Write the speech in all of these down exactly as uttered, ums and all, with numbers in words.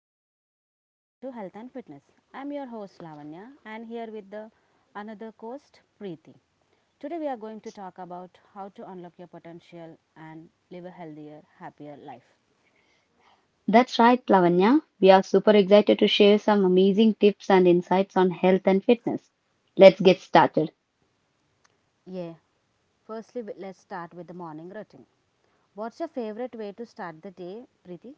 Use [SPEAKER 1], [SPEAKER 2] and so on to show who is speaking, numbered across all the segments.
[SPEAKER 1] everyone, welcome to Health and Fitness. I'm your host Lavanya and here with the another host Preeti. Today we are going to talk about how to unlock your potential and live a healthier, happier life.
[SPEAKER 2] That's right, Lavanya. We are super excited to share some amazing tips and insights on health and fitness. Let's get started.
[SPEAKER 1] Yeah. Firstly, we- let's start with the morning routine. What's your favorite way to start the day, Preeti?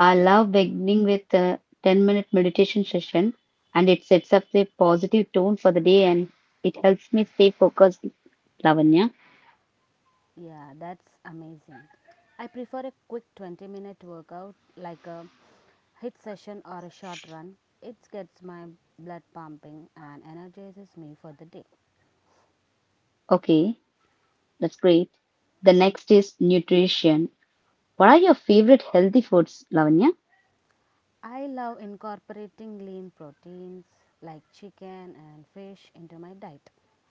[SPEAKER 2] I love beginning with a ten minute meditation session, and it sets up a positive tone for the day and it helps me stay focused, Lavanya.
[SPEAKER 1] Yeah, that's amazing. I prefer a quick twenty minute workout like a hit session or a short run. It gets my blood pumping and energizes me for the day.
[SPEAKER 2] Okay, that's great. The next is nutrition. What are your favorite healthy foods, Lavanya?
[SPEAKER 1] I love incorporating lean proteins like chicken and fish into my diet,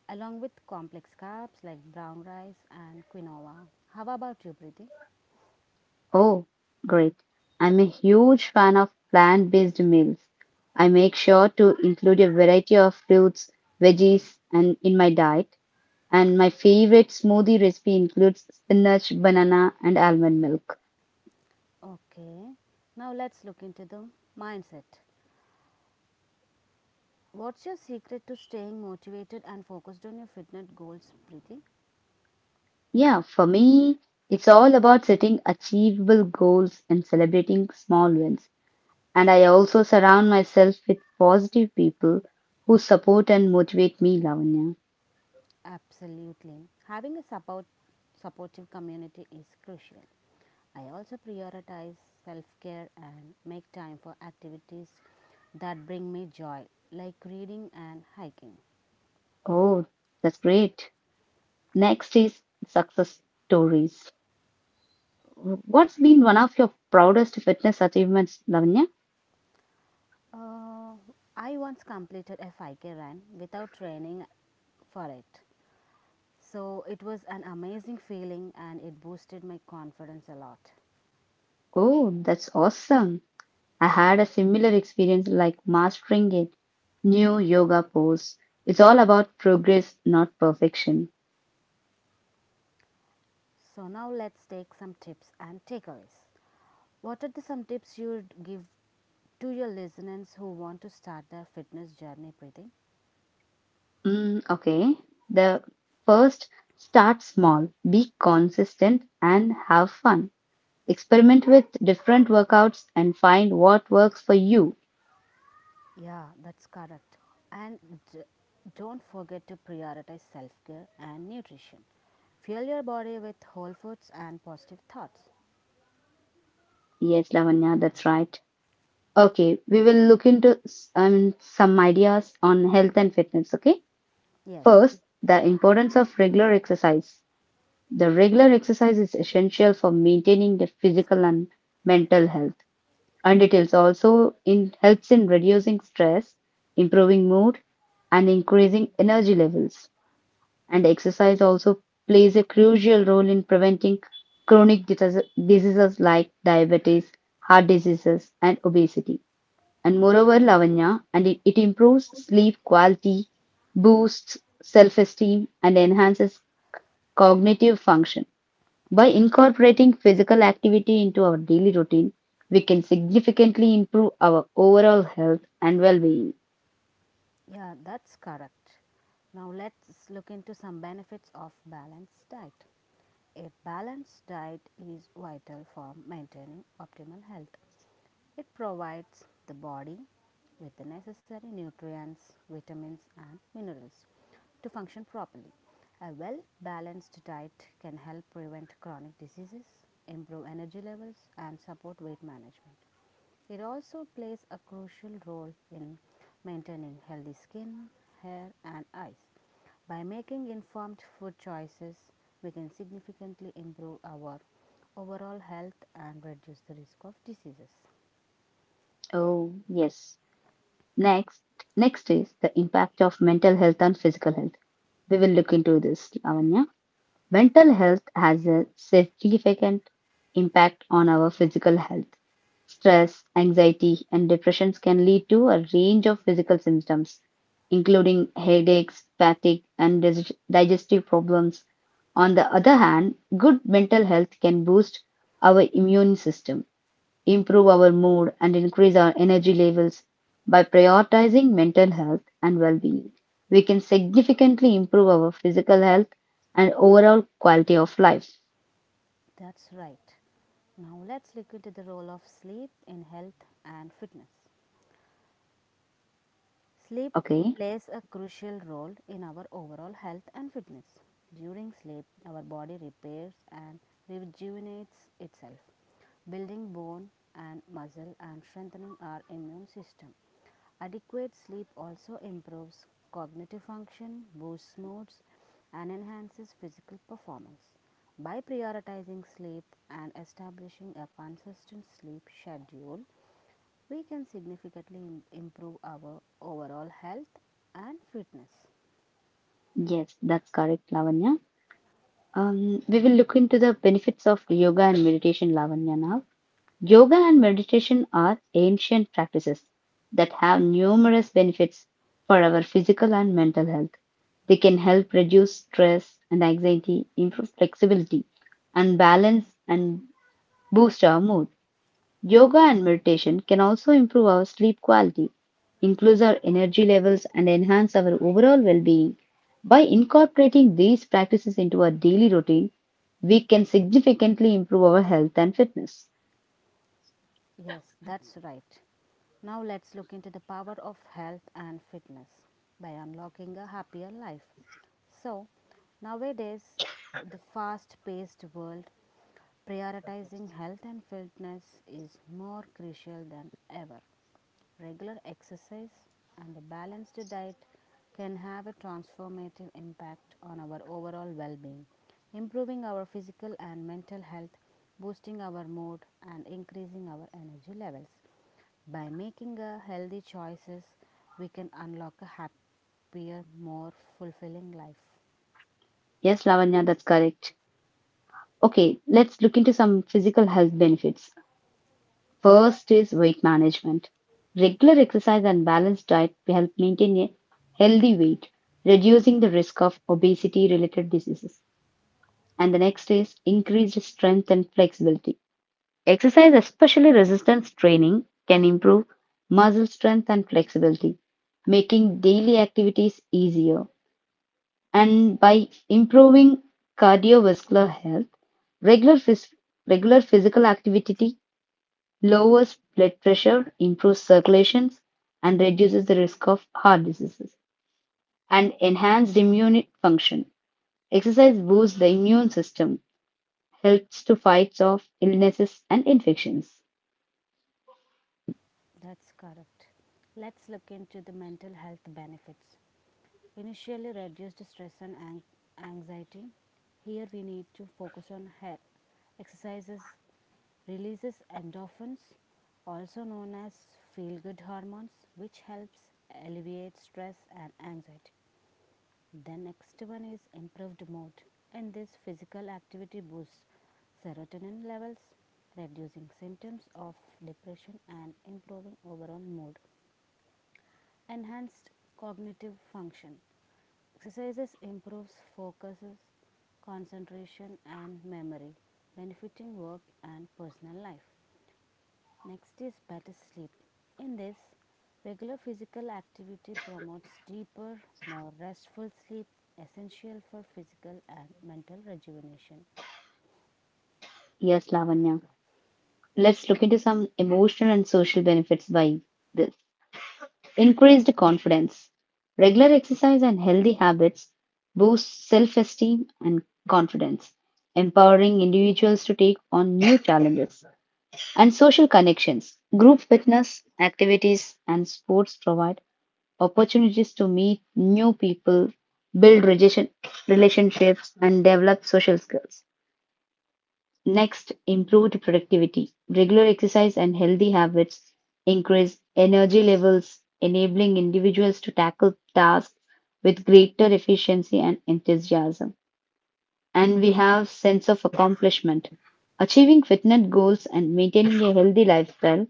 [SPEAKER 1] along with complex carbs like brown rice and quinoa. How about you, Preeti?
[SPEAKER 2] Oh, great. I'm a huge fan of plant-based meals. I make sure to include a variety of fruits, veggies, and in my diet. And my favorite smoothie recipe includes spinach, banana, and almond milk.
[SPEAKER 1] Okay, now let's look into the mindset. What's your secret to staying motivated and focused on your fitness goals, Preeti?
[SPEAKER 2] Yeah, for me, it's all about setting achievable goals and celebrating small wins. And I also surround myself with positive people who support and motivate me, Lavanya.
[SPEAKER 1] Absolutely. Having a support, Supportive community is crucial. I also prioritize self care and make time for activities that bring me joy, like reading and hiking.
[SPEAKER 2] Oh, that's great. Next is success stories. What's been one of your proudest fitness achievements, Lavanya?
[SPEAKER 1] Uh, I once completed a five K run without training for it. So it was an amazing feeling and it boosted my confidence a lot.
[SPEAKER 2] Oh, that's awesome. I had a similar experience like mastering a new yoga pose. It's all about progress, not perfection.
[SPEAKER 1] So now let's take some tips and takeaways. What are the some tips you would give to your listeners who want to start their fitness journey breathing?
[SPEAKER 2] Mm, okay. The first, start small, be consistent, and have fun. Experiment with different workouts and find what works for you.
[SPEAKER 1] Yeah, that's correct. And d- don't forget to prioritize self-care and nutrition. Fuel your body with whole foods and positive thoughts.
[SPEAKER 2] Yes, Lavanya, that's right. Okay, we will look into s- um, some ideas on health and fitness. Okay,
[SPEAKER 1] Yes.
[SPEAKER 2] first, the importance of regular exercise. The regular exercise is essential for maintaining the physical and mental health, and it is also in helps in reducing stress, improving mood, and increasing energy levels. And exercise also plays a crucial role in preventing chronic dis- diseases like diabetes, heart diseases, and obesity and moreover Lavanya, and it, it improves sleep quality, boosts self-esteem, and enhances cognitive function. By incorporating physical activity into our daily routine, we can significantly improve our overall health and well-being.
[SPEAKER 1] Yeah, that's correct. Now let's look into some benefits of balanced diet. A balanced diet is vital for maintaining optimal health. It provides the body with the necessary nutrients, vitamins, and minerals to function properly. A well balanced diet can help prevent chronic diseases, improve energy levels, and support weight management. It also plays a crucial role in maintaining healthy skin, hair, and eyes. By making informed food choices, we can significantly improve our overall health and reduce the risk of diseases.
[SPEAKER 2] Oh, yes. Next, next is the impact of mental health on physical health. We will look into this, Lavanya. Mental health has a significant impact on our physical health. Stress, anxiety, and depressions can lead to a range of physical symptoms, including headaches, fatigue, and dis- digestive problems. On the other hand, good mental health can boost our immune system, improve our mood, and increase our energy levels by prioritizing mental health and well being. We can significantly improve our physical health and overall quality of life.
[SPEAKER 1] That's right. Now let's look into the role of sleep in health and fitness. Sleep
[SPEAKER 2] Okay,
[SPEAKER 1] plays a crucial role in our overall health and fitness. During sleep, our body repairs and rejuvenates itself, building bone and muscle and strengthening our immune system. Adequate sleep also improves cognitive function, boosts moods, and enhances physical performance. By prioritizing sleep and establishing a consistent sleep schedule, we can significantly im- improve our overall health and fitness.
[SPEAKER 2] yes, that's correct, Lavanya. Um, we will look into the benefits of yoga and meditation, Lavanya, now.
[SPEAKER 1] Yeah,
[SPEAKER 2] Yoga and meditation are ancient practices that have numerous benefits for our physical and mental health. They can help reduce stress and anxiety, improve flexibility and balance, and boost our mood. Yoga and meditation can also improve our sleep quality, increase our energy levels, and enhance our overall well being. By incorporating these practices into our daily routine, we can significantly improve our health and fitness.
[SPEAKER 1] yes, that's right. Now let's look into the power of health and fitness by unlocking a happier life. So, nowadays, the fast paced world, prioritizing health and fitness is more crucial than ever. Regular exercise and a balanced diet can have a transformative impact on our overall well being, improving our physical and mental health, boosting our mood, and increasing our energy levels. By making a healthy choices, we can unlock a happier, more fulfilling life.
[SPEAKER 2] Yes, Lavanya, that's correct. Okay, let's look into some physical health benefits. First is weight management. Regular exercise and balanced diet help maintain a healthy weight, reducing the risk of obesity related diseases. And the next is increased strength and flexibility. Exercise, especially resistance training, can improve muscle strength and flexibility, making daily activities easier. And by improving cardiovascular health, regular, phys- regular physical activity lowers blood pressure, improves circulations, and reduces the risk of heart diseases, and enhanced immune function. Exercise boosts the immune system, helps to fight off illnesses and infections.
[SPEAKER 1] That's correct. Let's look into the mental health benefits. Initially reduced stress and an- anxiety. Here we need to focus on hair. Exercises releases endorphins, also known as feel good hormones, which helps alleviate stress and anxiety. The next one is improved mood. In this physical activity boosts serotonin levels, reducing symptoms of depression and improving overall mood. Enhanced cognitive function. Exercises improves focuses, concentration and memory, benefiting work and personal life. Next is better sleep. In this, regular physical activity promotes deeper, more restful sleep, essential for physical and mental rejuvenation.
[SPEAKER 2] Yes, Lavanya. Let's look into some emotional and social benefits by this. Increased confidence. Regular exercise and healthy habits boost self esteem and confidence, empowering individuals to take on new challenges. And social connections. Group fitness activities and sports provide opportunities to meet new people, build relation- relationships, and develop social skills. Next, improved productivity. Regular exercise and healthy habits increase energy levels, enabling individuals to tackle tasks with greater efficiency and enthusiasm. And we have sense of accomplishment. Achieving fitness goals and maintaining a healthy lifestyle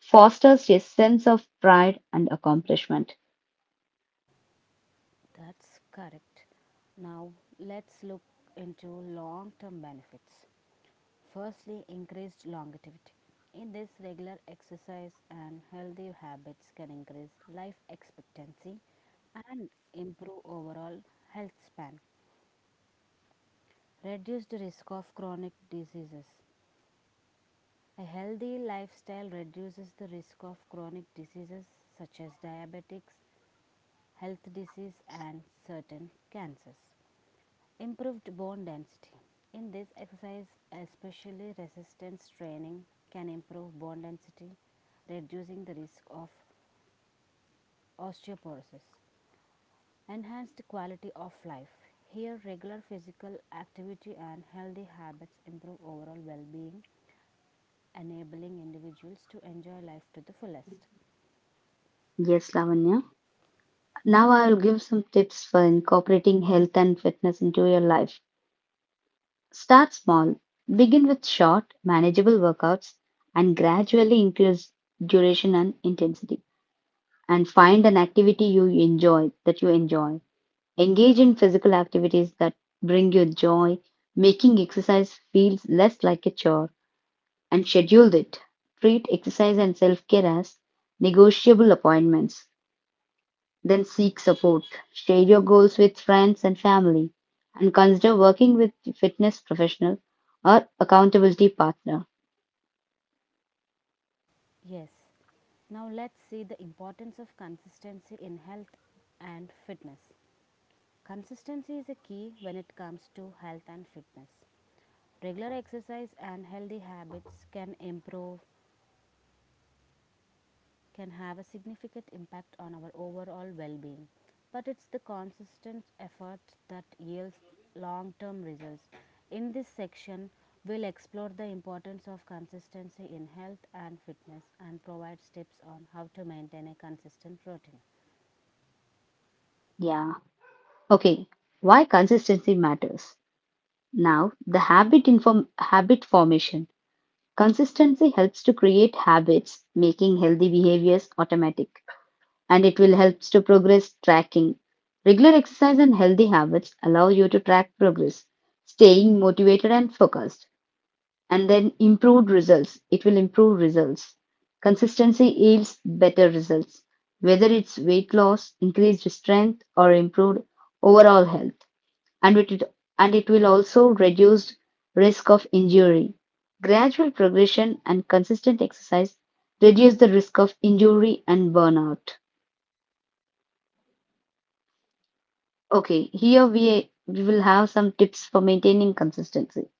[SPEAKER 2] fosters a sense of pride and accomplishment.
[SPEAKER 1] That's correct. Now let's look into long-term benefits. Firstly, increased longevity. In this, regular exercise and healthy habits can increase life expectancy and improve overall health span. Reduce the risk of chronic diseases. A healthy lifestyle reduces the risk of chronic diseases such as diabetics, health disease, and certain cancers. Improved bone density. In this exercise, especially resistance training can improve bone density, reducing the risk of osteoporosis. Enhanced quality of life. Here, regular physical activity and healthy habits improve overall well being, enabling individuals to enjoy life to the fullest.
[SPEAKER 2] Yes, Lavanya. Now I will give some tips for incorporating health and fitness into your life. Start small. Begin with short, manageable workouts and gradually increase duration and intensity. And find an activity you enjoy that you enjoy. Engage in physical activities that bring you joy, making exercise feels less like a chore and schedule it. Treat exercise and self-care as negotiable appointments. Then seek support, share your goals with friends and family, and consider working with fitness professional or accountability partner.
[SPEAKER 1] Yes, now let's see the importance of consistency in health and fitness. Consistency is a key when it comes to health and fitness. Regular exercise and healthy habits can improve, can have a significant impact on our overall well being. But it's the consistent effort that yields long term results. In this section, we'll explore the importance of consistency in health and fitness and provide tips on how to maintain a consistent routine.
[SPEAKER 2] Yeah. Okay. Why consistency matters. Now, the habit inform habit formation. Consistency helps to create habits, making healthy behaviors automatic, and it will helps to progress tracking. Regular exercise and healthy habits allow you to track progress, staying motivated and focused. And then improved results. It will improve results. Consistency yields better results, whether it's weight loss, increased strength, or improved overall health. And it, and it will also reduce risk of injury. Gradual progression and consistent exercise reduce the risk of injury and burnout. Okay, here we, we will have some tips for maintaining consistency.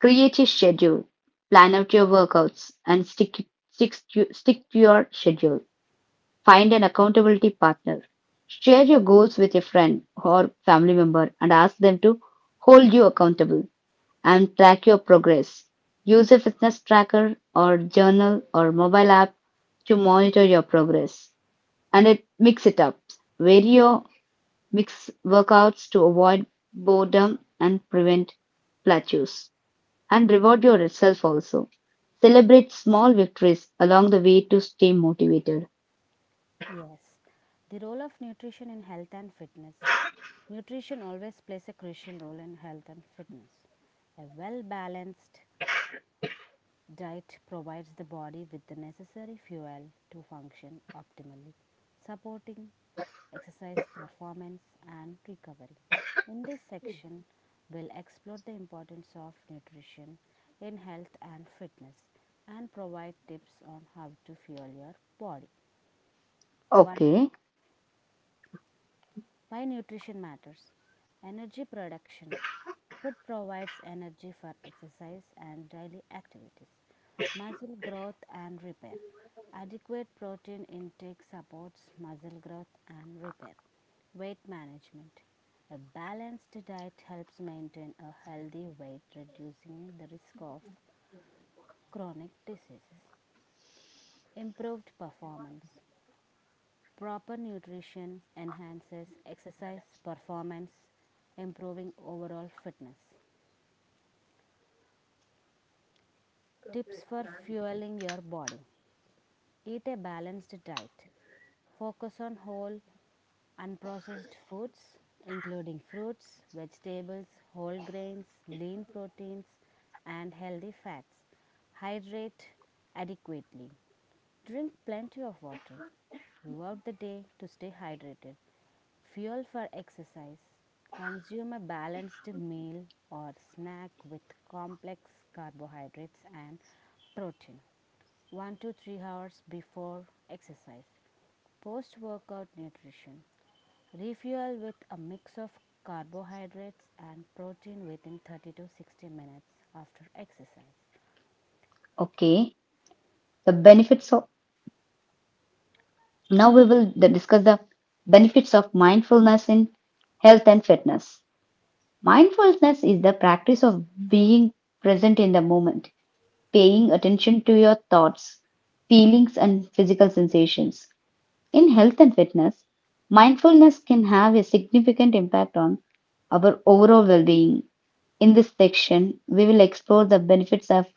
[SPEAKER 2] Create a schedule, plan out your workouts, and stick, stick, to, stick to your schedule. Find an accountability partner. Share your goals with a friend or family member and ask them to hold you accountable and track your progress. Use a fitness tracker or journal or mobile app to monitor your progress. And it, mix it up. Vary your mix workouts to avoid boredom and prevent plateaus and reward yourself also. Celebrate small victories along the way to stay motivated.
[SPEAKER 1] Yes, the role of nutrition in health and fitness. Nutrition always plays a crucial role in health and fitness. A well balanced diet provides the body with the necessary fuel to function optimally, supporting exercise performance and recovery. In this section, we'll explore the importance of nutrition in health and fitness and provide tips on how to fuel your body. Why
[SPEAKER 2] Okay,
[SPEAKER 1] Why nutrition matters. Energy production. Food provides energy for exercise and daily activities, muscle growth and repair. Adequate protein intake supports muscle growth and repair. Weight management. A balanced diet helps maintain a healthy weight, reducing the risk of chronic diseases. Improved performance. Proper nutrition enhances exercise performance, improving overall fitness. Tips for fueling your body. Eat a balanced diet. Focus on whole, unprocessed foods, including fruits, vegetables, whole grains, lean proteins, and healthy fats. Hydrate adequately. Drink plenty of water throughout the day to stay hydrated. Fuel for exercise. Consume a balanced meal or snack with complex carbohydrates and protein one to three hours before exercise. Post workout nutrition. Refuel with a mix of carbohydrates and protein within thirty to sixty minutes after exercise.
[SPEAKER 2] okay. The benefits of now we will th- discuss the benefits of mindfulness in health and fitness. Mindfulness is the practice of being present in the moment, paying attention to your thoughts, feelings, and physical sensations. In health and fitness, mindfulness can have a significant impact on our overall well being. In this section, we will explore the benefits of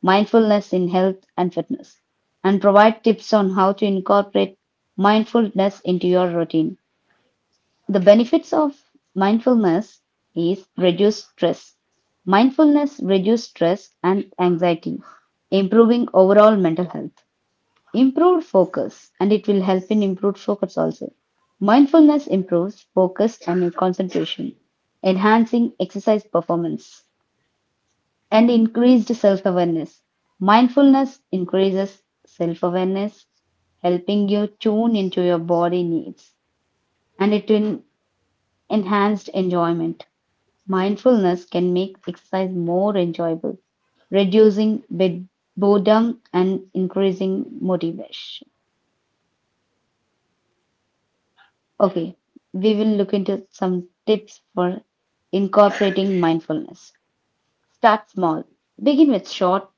[SPEAKER 2] mindfulness in health and fitness and provide tips on how to incorporate mindfulness into your routine. The benefits of mindfulness is reduced stress. Mindfulness reduces stress and anxiety, improving overall mental health. Improved focus, and it will help in improved focus also. Mindfulness improves focus and concentration, enhancing exercise performance and increased self awareness. Mindfulness increases self awareness, helping you tune into your body needs and it will enhanced enjoyment. Mindfulness can make exercise more enjoyable, reducing bed- boredom and increasing motivation. Okay, we will look into some tips for incorporating mindfulness. Start small. Begin with short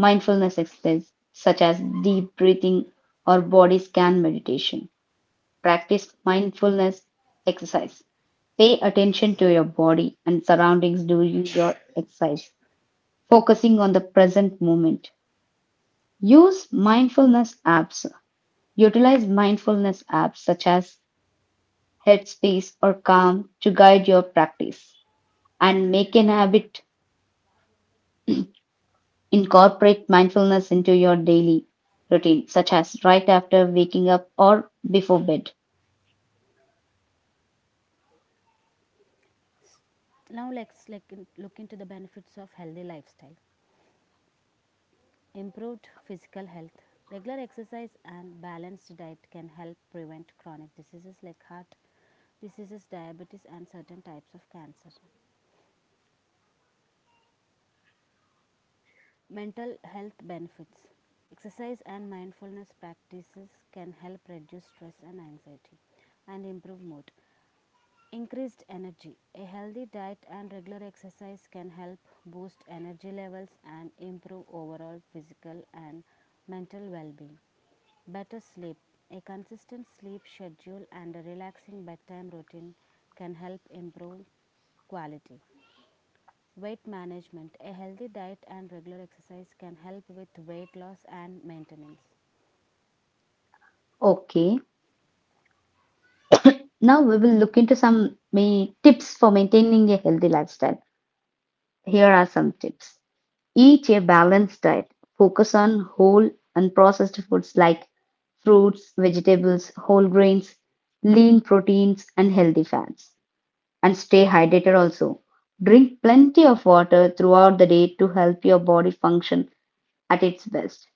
[SPEAKER 2] mindfulness exercises such as deep breathing or body scan meditation. Practice mindfulness exercise. Pay attention to your body and surroundings during your exercise, focusing on the present moment. Use mindfulness apps. Utilize mindfulness apps such as Headspace or Calm to guide your practice and make an habit. Incorporate mindfulness into your daily routine, such as right after waking up or before bed.
[SPEAKER 1] Now let's like look into the benefits of healthy lifestyle. Improved physical health. Regular exercise and balanced diet can help prevent chronic diseases like heart diseases, diabetes, and certain types of cancer. Mental health benefits. Exercise and mindfulness practices can help reduce stress and anxiety and improve mood. Increased energy. A healthy diet and regular exercise can help boost energy levels and improve overall physical and mental well being. Better sleep. A consistent sleep schedule and a relaxing bedtime routine can help improve quality. Weight management. A healthy diet and regular exercise can help with weight loss and maintenance.
[SPEAKER 2] Okay. Now we will look into some main tips for maintaining a healthy lifestyle. Here are some tips. Eat a balanced diet. Focus on whole and processed foods like fruits, vegetables, whole grains, lean proteins, and healthy fats. And stay hydrated also. Drink plenty of water throughout the day to help your body function at its best.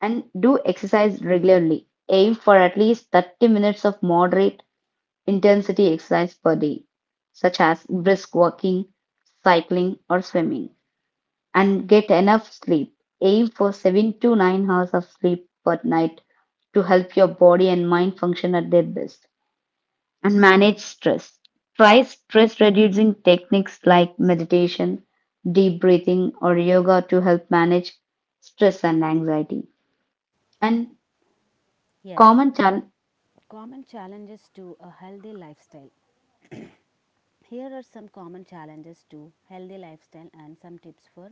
[SPEAKER 2] And do exercise regularly. Aim for at least thirty minutes of moderate intensity exercise per day, such as brisk walking, cycling, or swimming, and get enough sleep. Aim for seven to nine hours of sleep per night to help your body and mind function at their best. And manage stress. Try stress reducing techniques like meditation, deep breathing, or yoga to help manage stress and anxiety. And
[SPEAKER 1] Yes,
[SPEAKER 2] common chal-
[SPEAKER 1] common challenges to a healthy lifestyle. Here are some common challenges to healthy lifestyle and some tips for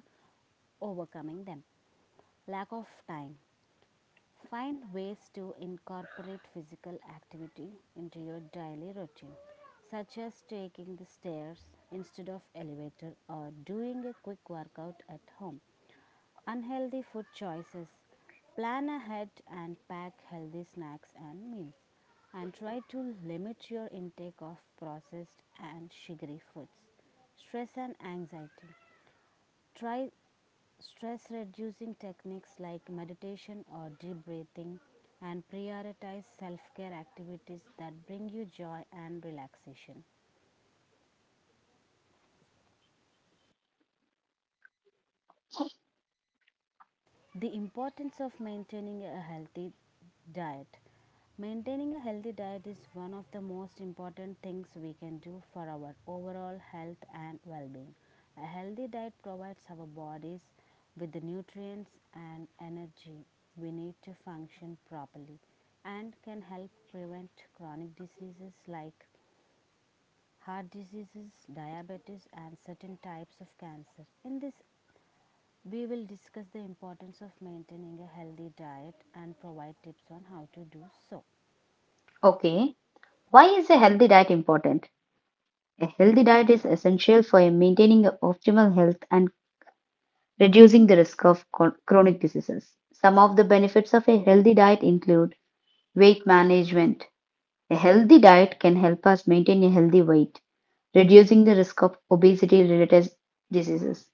[SPEAKER 1] overcoming them. Lack of time. Find ways to incorporate physical activity into your daily routine, such as taking the stairs instead of elevator or doing a quick workout at home. Unhealthy food choices. Plan ahead and pack healthy snacks and meals. And try to limit your intake of processed and sugary foods. Stress and anxiety. Try stress reducing techniques like meditation or deep breathing and prioritize self care activities that bring you joy and relaxation. The importance of maintaining a healthy diet. Maintaining a healthy diet is one of the most important things we can do for our overall health and well being. A healthy diet provides our bodies with the nutrients and energy we need to function properly and can help prevent chronic diseases like heart diseases, diabetes, and certain types of cancer. In this we will discuss the importance of maintaining a healthy diet and provide tips on how to do so.
[SPEAKER 2] Okay, why is a healthy diet important? A healthy diet is essential for maintaining optimal health and reducing the risk of chron- chronic diseases. Some of the benefits of a healthy diet include weight management. A healthy diet can help us maintain a healthy weight, reducing the risk of obesity related diseases,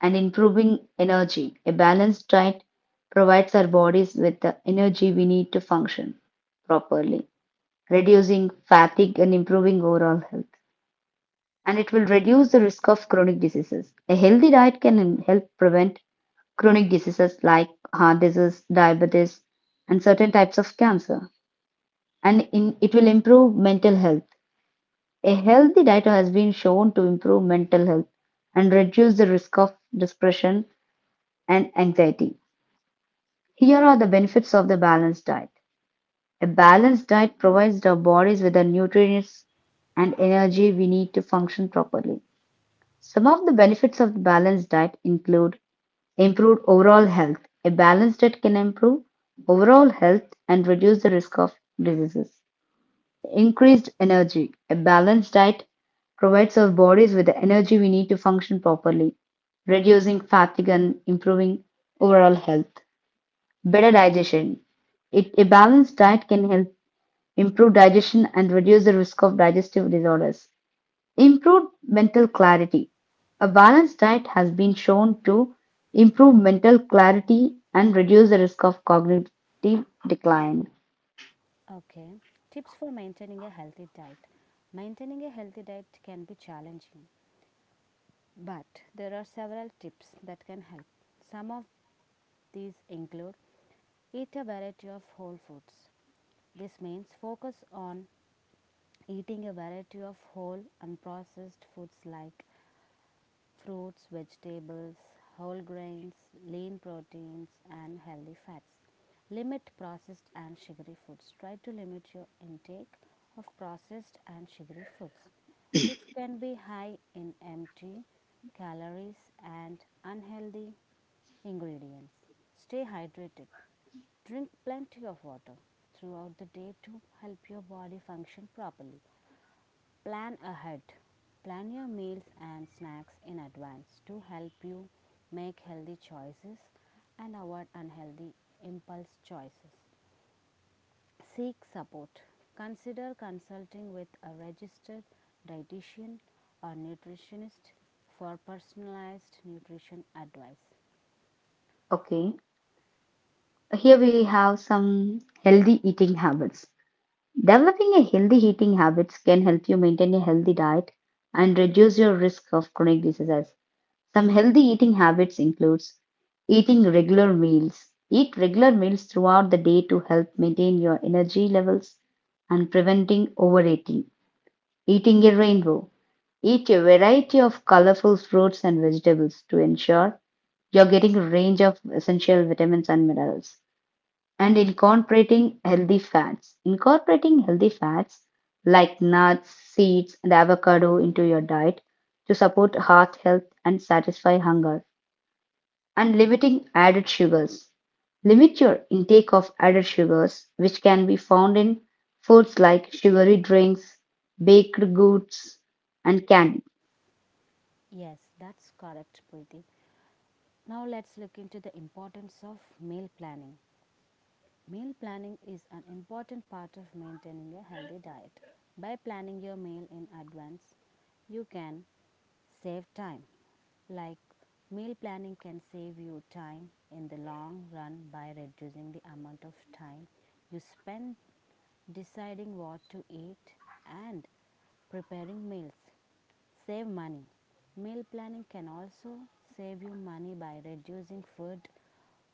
[SPEAKER 2] and improving energy. A balanced diet provides our bodies with the energy we need to function properly, reducing fatigue and improving overall health. And it will reduce the risk of chronic diseases. A healthy diet can in- help prevent chronic diseases like heart disease, diabetes, and certain types of cancer. And in, it will improve mental health. A healthy diet has been shown to improve mental health and reduce the risk of depression and anxiety. Here are the benefits of the balanced diet. A balanced diet provides our bodies with the nutrients and energy we need to function properly. Some of the benefits of the balanced diet include improved overall health. A balanced diet can improve overall health and reduce the risk of diseases. Increased energy. A balanced diet provides our bodies with the energy we need to function properly, reducing fatigue and improving overall health. Better digestion. It, a balanced diet can help improve digestion, and reduce the risk of digestive disorders. Improve mental clarity. A balanced diet has been shown to improve mental clarity and reduce the risk of cognitive decline.
[SPEAKER 1] Okay, tips for maintaining a healthy diet. Maintaining a healthy diet can be challenging, but there are several tips that can help. Some of these include eat a variety of whole foods. This means focus on eating a variety of whole unprocessed foods like fruits, vegetables, whole grains, lean proteins, and healthy fats. Limit processed and sugary foods. Try to limit your intake of processed and sugary foods, which can be high in empty calories and unhealthy ingredients. Stay hydrated. Drink plenty of water throughout the day to help your body function properly. Plan ahead. Plan your meals and snacks in advance to help you make healthy choices and avoid unhealthy impulse choices. Seek support. Consider consulting with a registered dietitian or nutritionist for personalized nutrition advice.
[SPEAKER 2] Okay, here we have some healthy eating habits. Developing a healthy eating habits can help you maintain a healthy diet and reduce your risk of chronic diseases. Some healthy eating habits includes eating regular meals. Eat regular meals throughout the day to help maintain your energy levels and preventing overeating. Eating a rainbow. Eat a variety of colorful fruits and vegetables to ensure you're getting a range of essential vitamins and minerals. And incorporating healthy fats. Incorporating healthy fats like nuts, seeds, and avocado into your diet to support heart health and satisfy hunger and limiting added sugars. Limit your intake of added sugars, which can be found in foods like sugary drinks, baked goods, and candy.
[SPEAKER 1] Yes, that's correct, Preeti. Now let's look into the importance of meal planning. Meal planning is an important part of maintaining a healthy diet. By planning your meal in advance, you can save time. Like meal planning can save you time in the long run by reducing the amount of time you spend deciding what to eat and preparing meals. Save money. Meal planning can also save you money by reducing food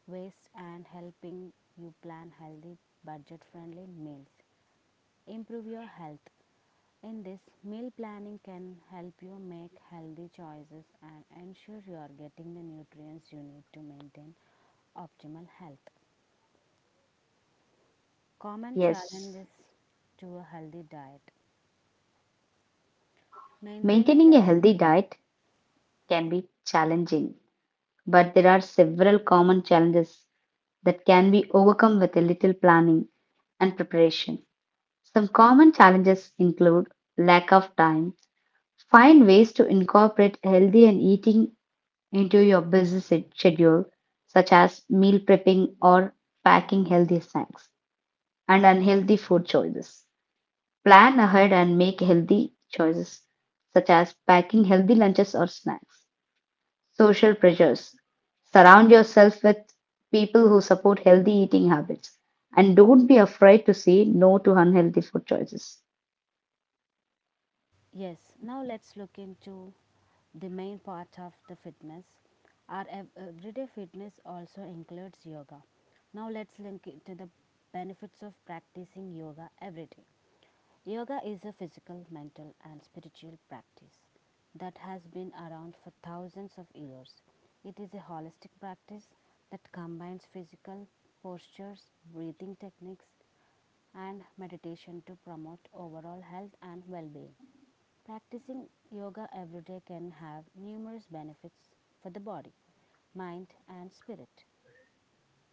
[SPEAKER 1] waste and helping you plan healthy, budget friendly meals. Improve your health. In this, meal planning can help you make healthy choices and ensure you are getting the nutrients you need to maintain optimal health. Common
[SPEAKER 2] Yes,
[SPEAKER 1] challenges to a healthy diet. Maintaining
[SPEAKER 2] maintaining
[SPEAKER 1] the
[SPEAKER 2] a healthy diet can be challenging, but there are several common challenges that can be overcome with a little planning and preparation. Some common challenges include lack of time. Find ways to incorporate healthy and eating into your busy se- schedule, such as meal prepping or packing healthy snacks and unhealthy food choices. Plan ahead and make healthy choices, such as packing healthy lunches or snacks. Social pressures. Surround yourself with people who support healthy eating habits and don't be afraid to say no to unhealthy food choices.
[SPEAKER 1] yes, now let's look into the main part of the fitness. Our ev- everyday fitness also includes yoga. Now let's link it to the benefits of practicing yoga every day. Yoga is a physical, mental, and spiritual practice that has been around for thousands of years. It is a holistic practice that combines physical postures, breathing techniques, and meditation to promote overall health and well being. Practicing yoga every day can have numerous benefits for the body, mind, and spirit.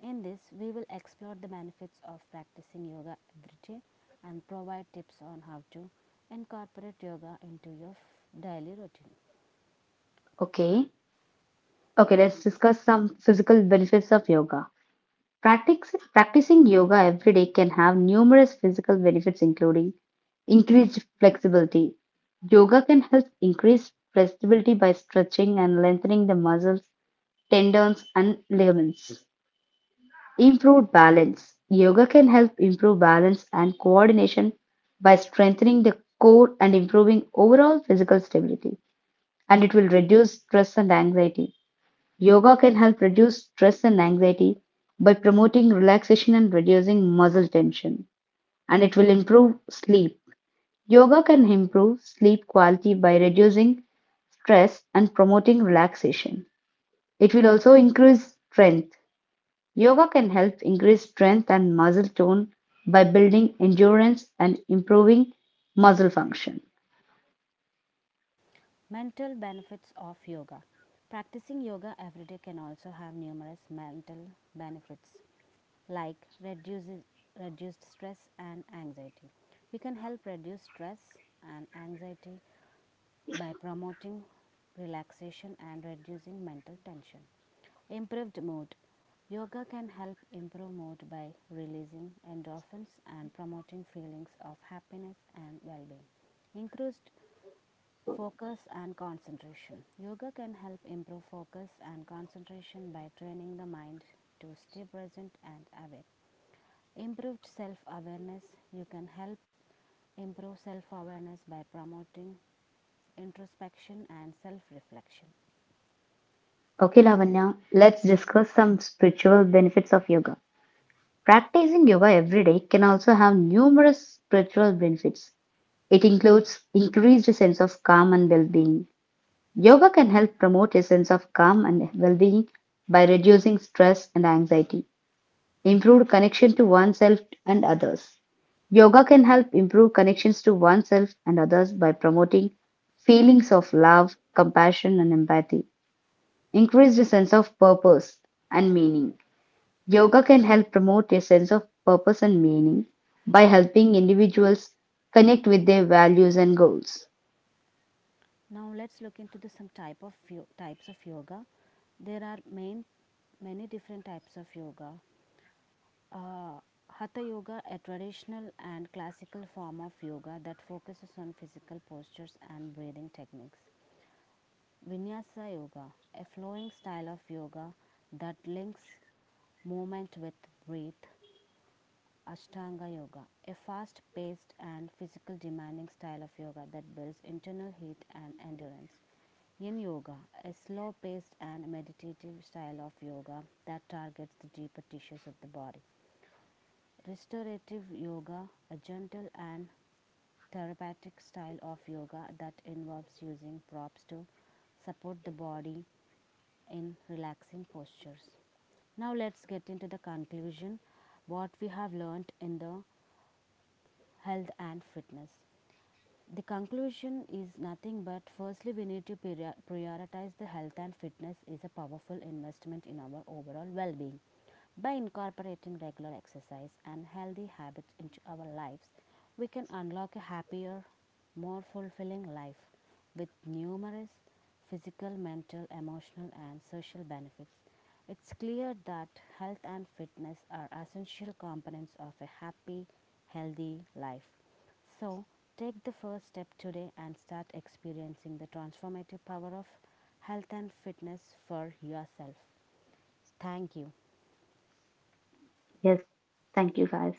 [SPEAKER 1] In this, we will explore the benefits of practicing yoga every day and provide tips on how to incorporate yoga into your daily routine.
[SPEAKER 2] Okay. Okay, let's discuss some physical benefits of yoga. Practice, practicing yoga every day can have numerous physical benefits, including increased flexibility. Yoga can help increase flexibility by stretching and lengthening the muscles, tendons, and ligaments. Improved balance. Yoga can help improve balance and coordination by strengthening the core and improving overall physical stability. And it will reduce stress and anxiety. Yoga can help reduce stress and anxiety by promoting relaxation and reducing muscle tension, and it will improve sleep. Yoga can improve sleep quality by reducing stress and promoting relaxation. It will also increase strength. Yoga can help increase strength and muscle tone by building endurance and improving muscle function.
[SPEAKER 1] Mental benefits of yoga. Practicing yoga every day can also have numerous mental benefits like reduces, reduced stress and anxiety. We can help reduce stress and anxiety by promoting relaxation and reducing mental tension. Improved mood. Yoga can help improve mood by releasing endorphins and promoting feelings of happiness and well being. Increased focus and concentration. Yoga can help improve focus and concentration by training the mind to stay present and aware. Improved self awareness. You can help improve self awareness by promoting introspection and self reflection.
[SPEAKER 2] Okay, Lavanya, let's discuss some spiritual benefits of yoga. Practicing yoga every day can also have numerous spiritual benefits. It includes increased sense of calm and well-being. Yoga can help promote a sense of calm and well-being by reducing stress and anxiety, improved connection to oneself and others. Yoga can help improve connections to oneself and others by promoting feelings of love, compassion, and empathy, increased sense of purpose and meaning. Yoga can help promote a sense of purpose and meaning by helping individuals connect with their values and goals.
[SPEAKER 1] Now let's look into the some type of types of yoga. There are main many different types of yoga. Uh, Hatha yoga, a traditional and classical form of yoga that focuses on physical postures and breathing techniques. Vinyasa yoga, a flowing style of yoga that links movement with breath. Ashtanga yoga, a fast paced and physical demanding style of yoga that builds internal heat and endurance. Yin yoga, a slow paced and meditative style of yoga that targets the deeper tissues of the body. Restorative yoga, a gentle and therapeutic style of yoga that involves using props to support the body in relaxing postures. Now, let's get into the conclusion what we have learned in the health and fitness. The conclusion is nothing but firstly, we need to priori- prioritize the health and fitness is a powerful investment in our overall well being. By incorporating regular exercise and healthy habits into our lives, we can unlock a happier, more fulfilling life with numerous physical, mental, emotional, and social benefits. It's clear that health and fitness are essential components of a happy, healthy life. So, take the first step today and start experiencing the transformative power of health and fitness for yourself. Thank you.
[SPEAKER 2] Yes, thank you guys.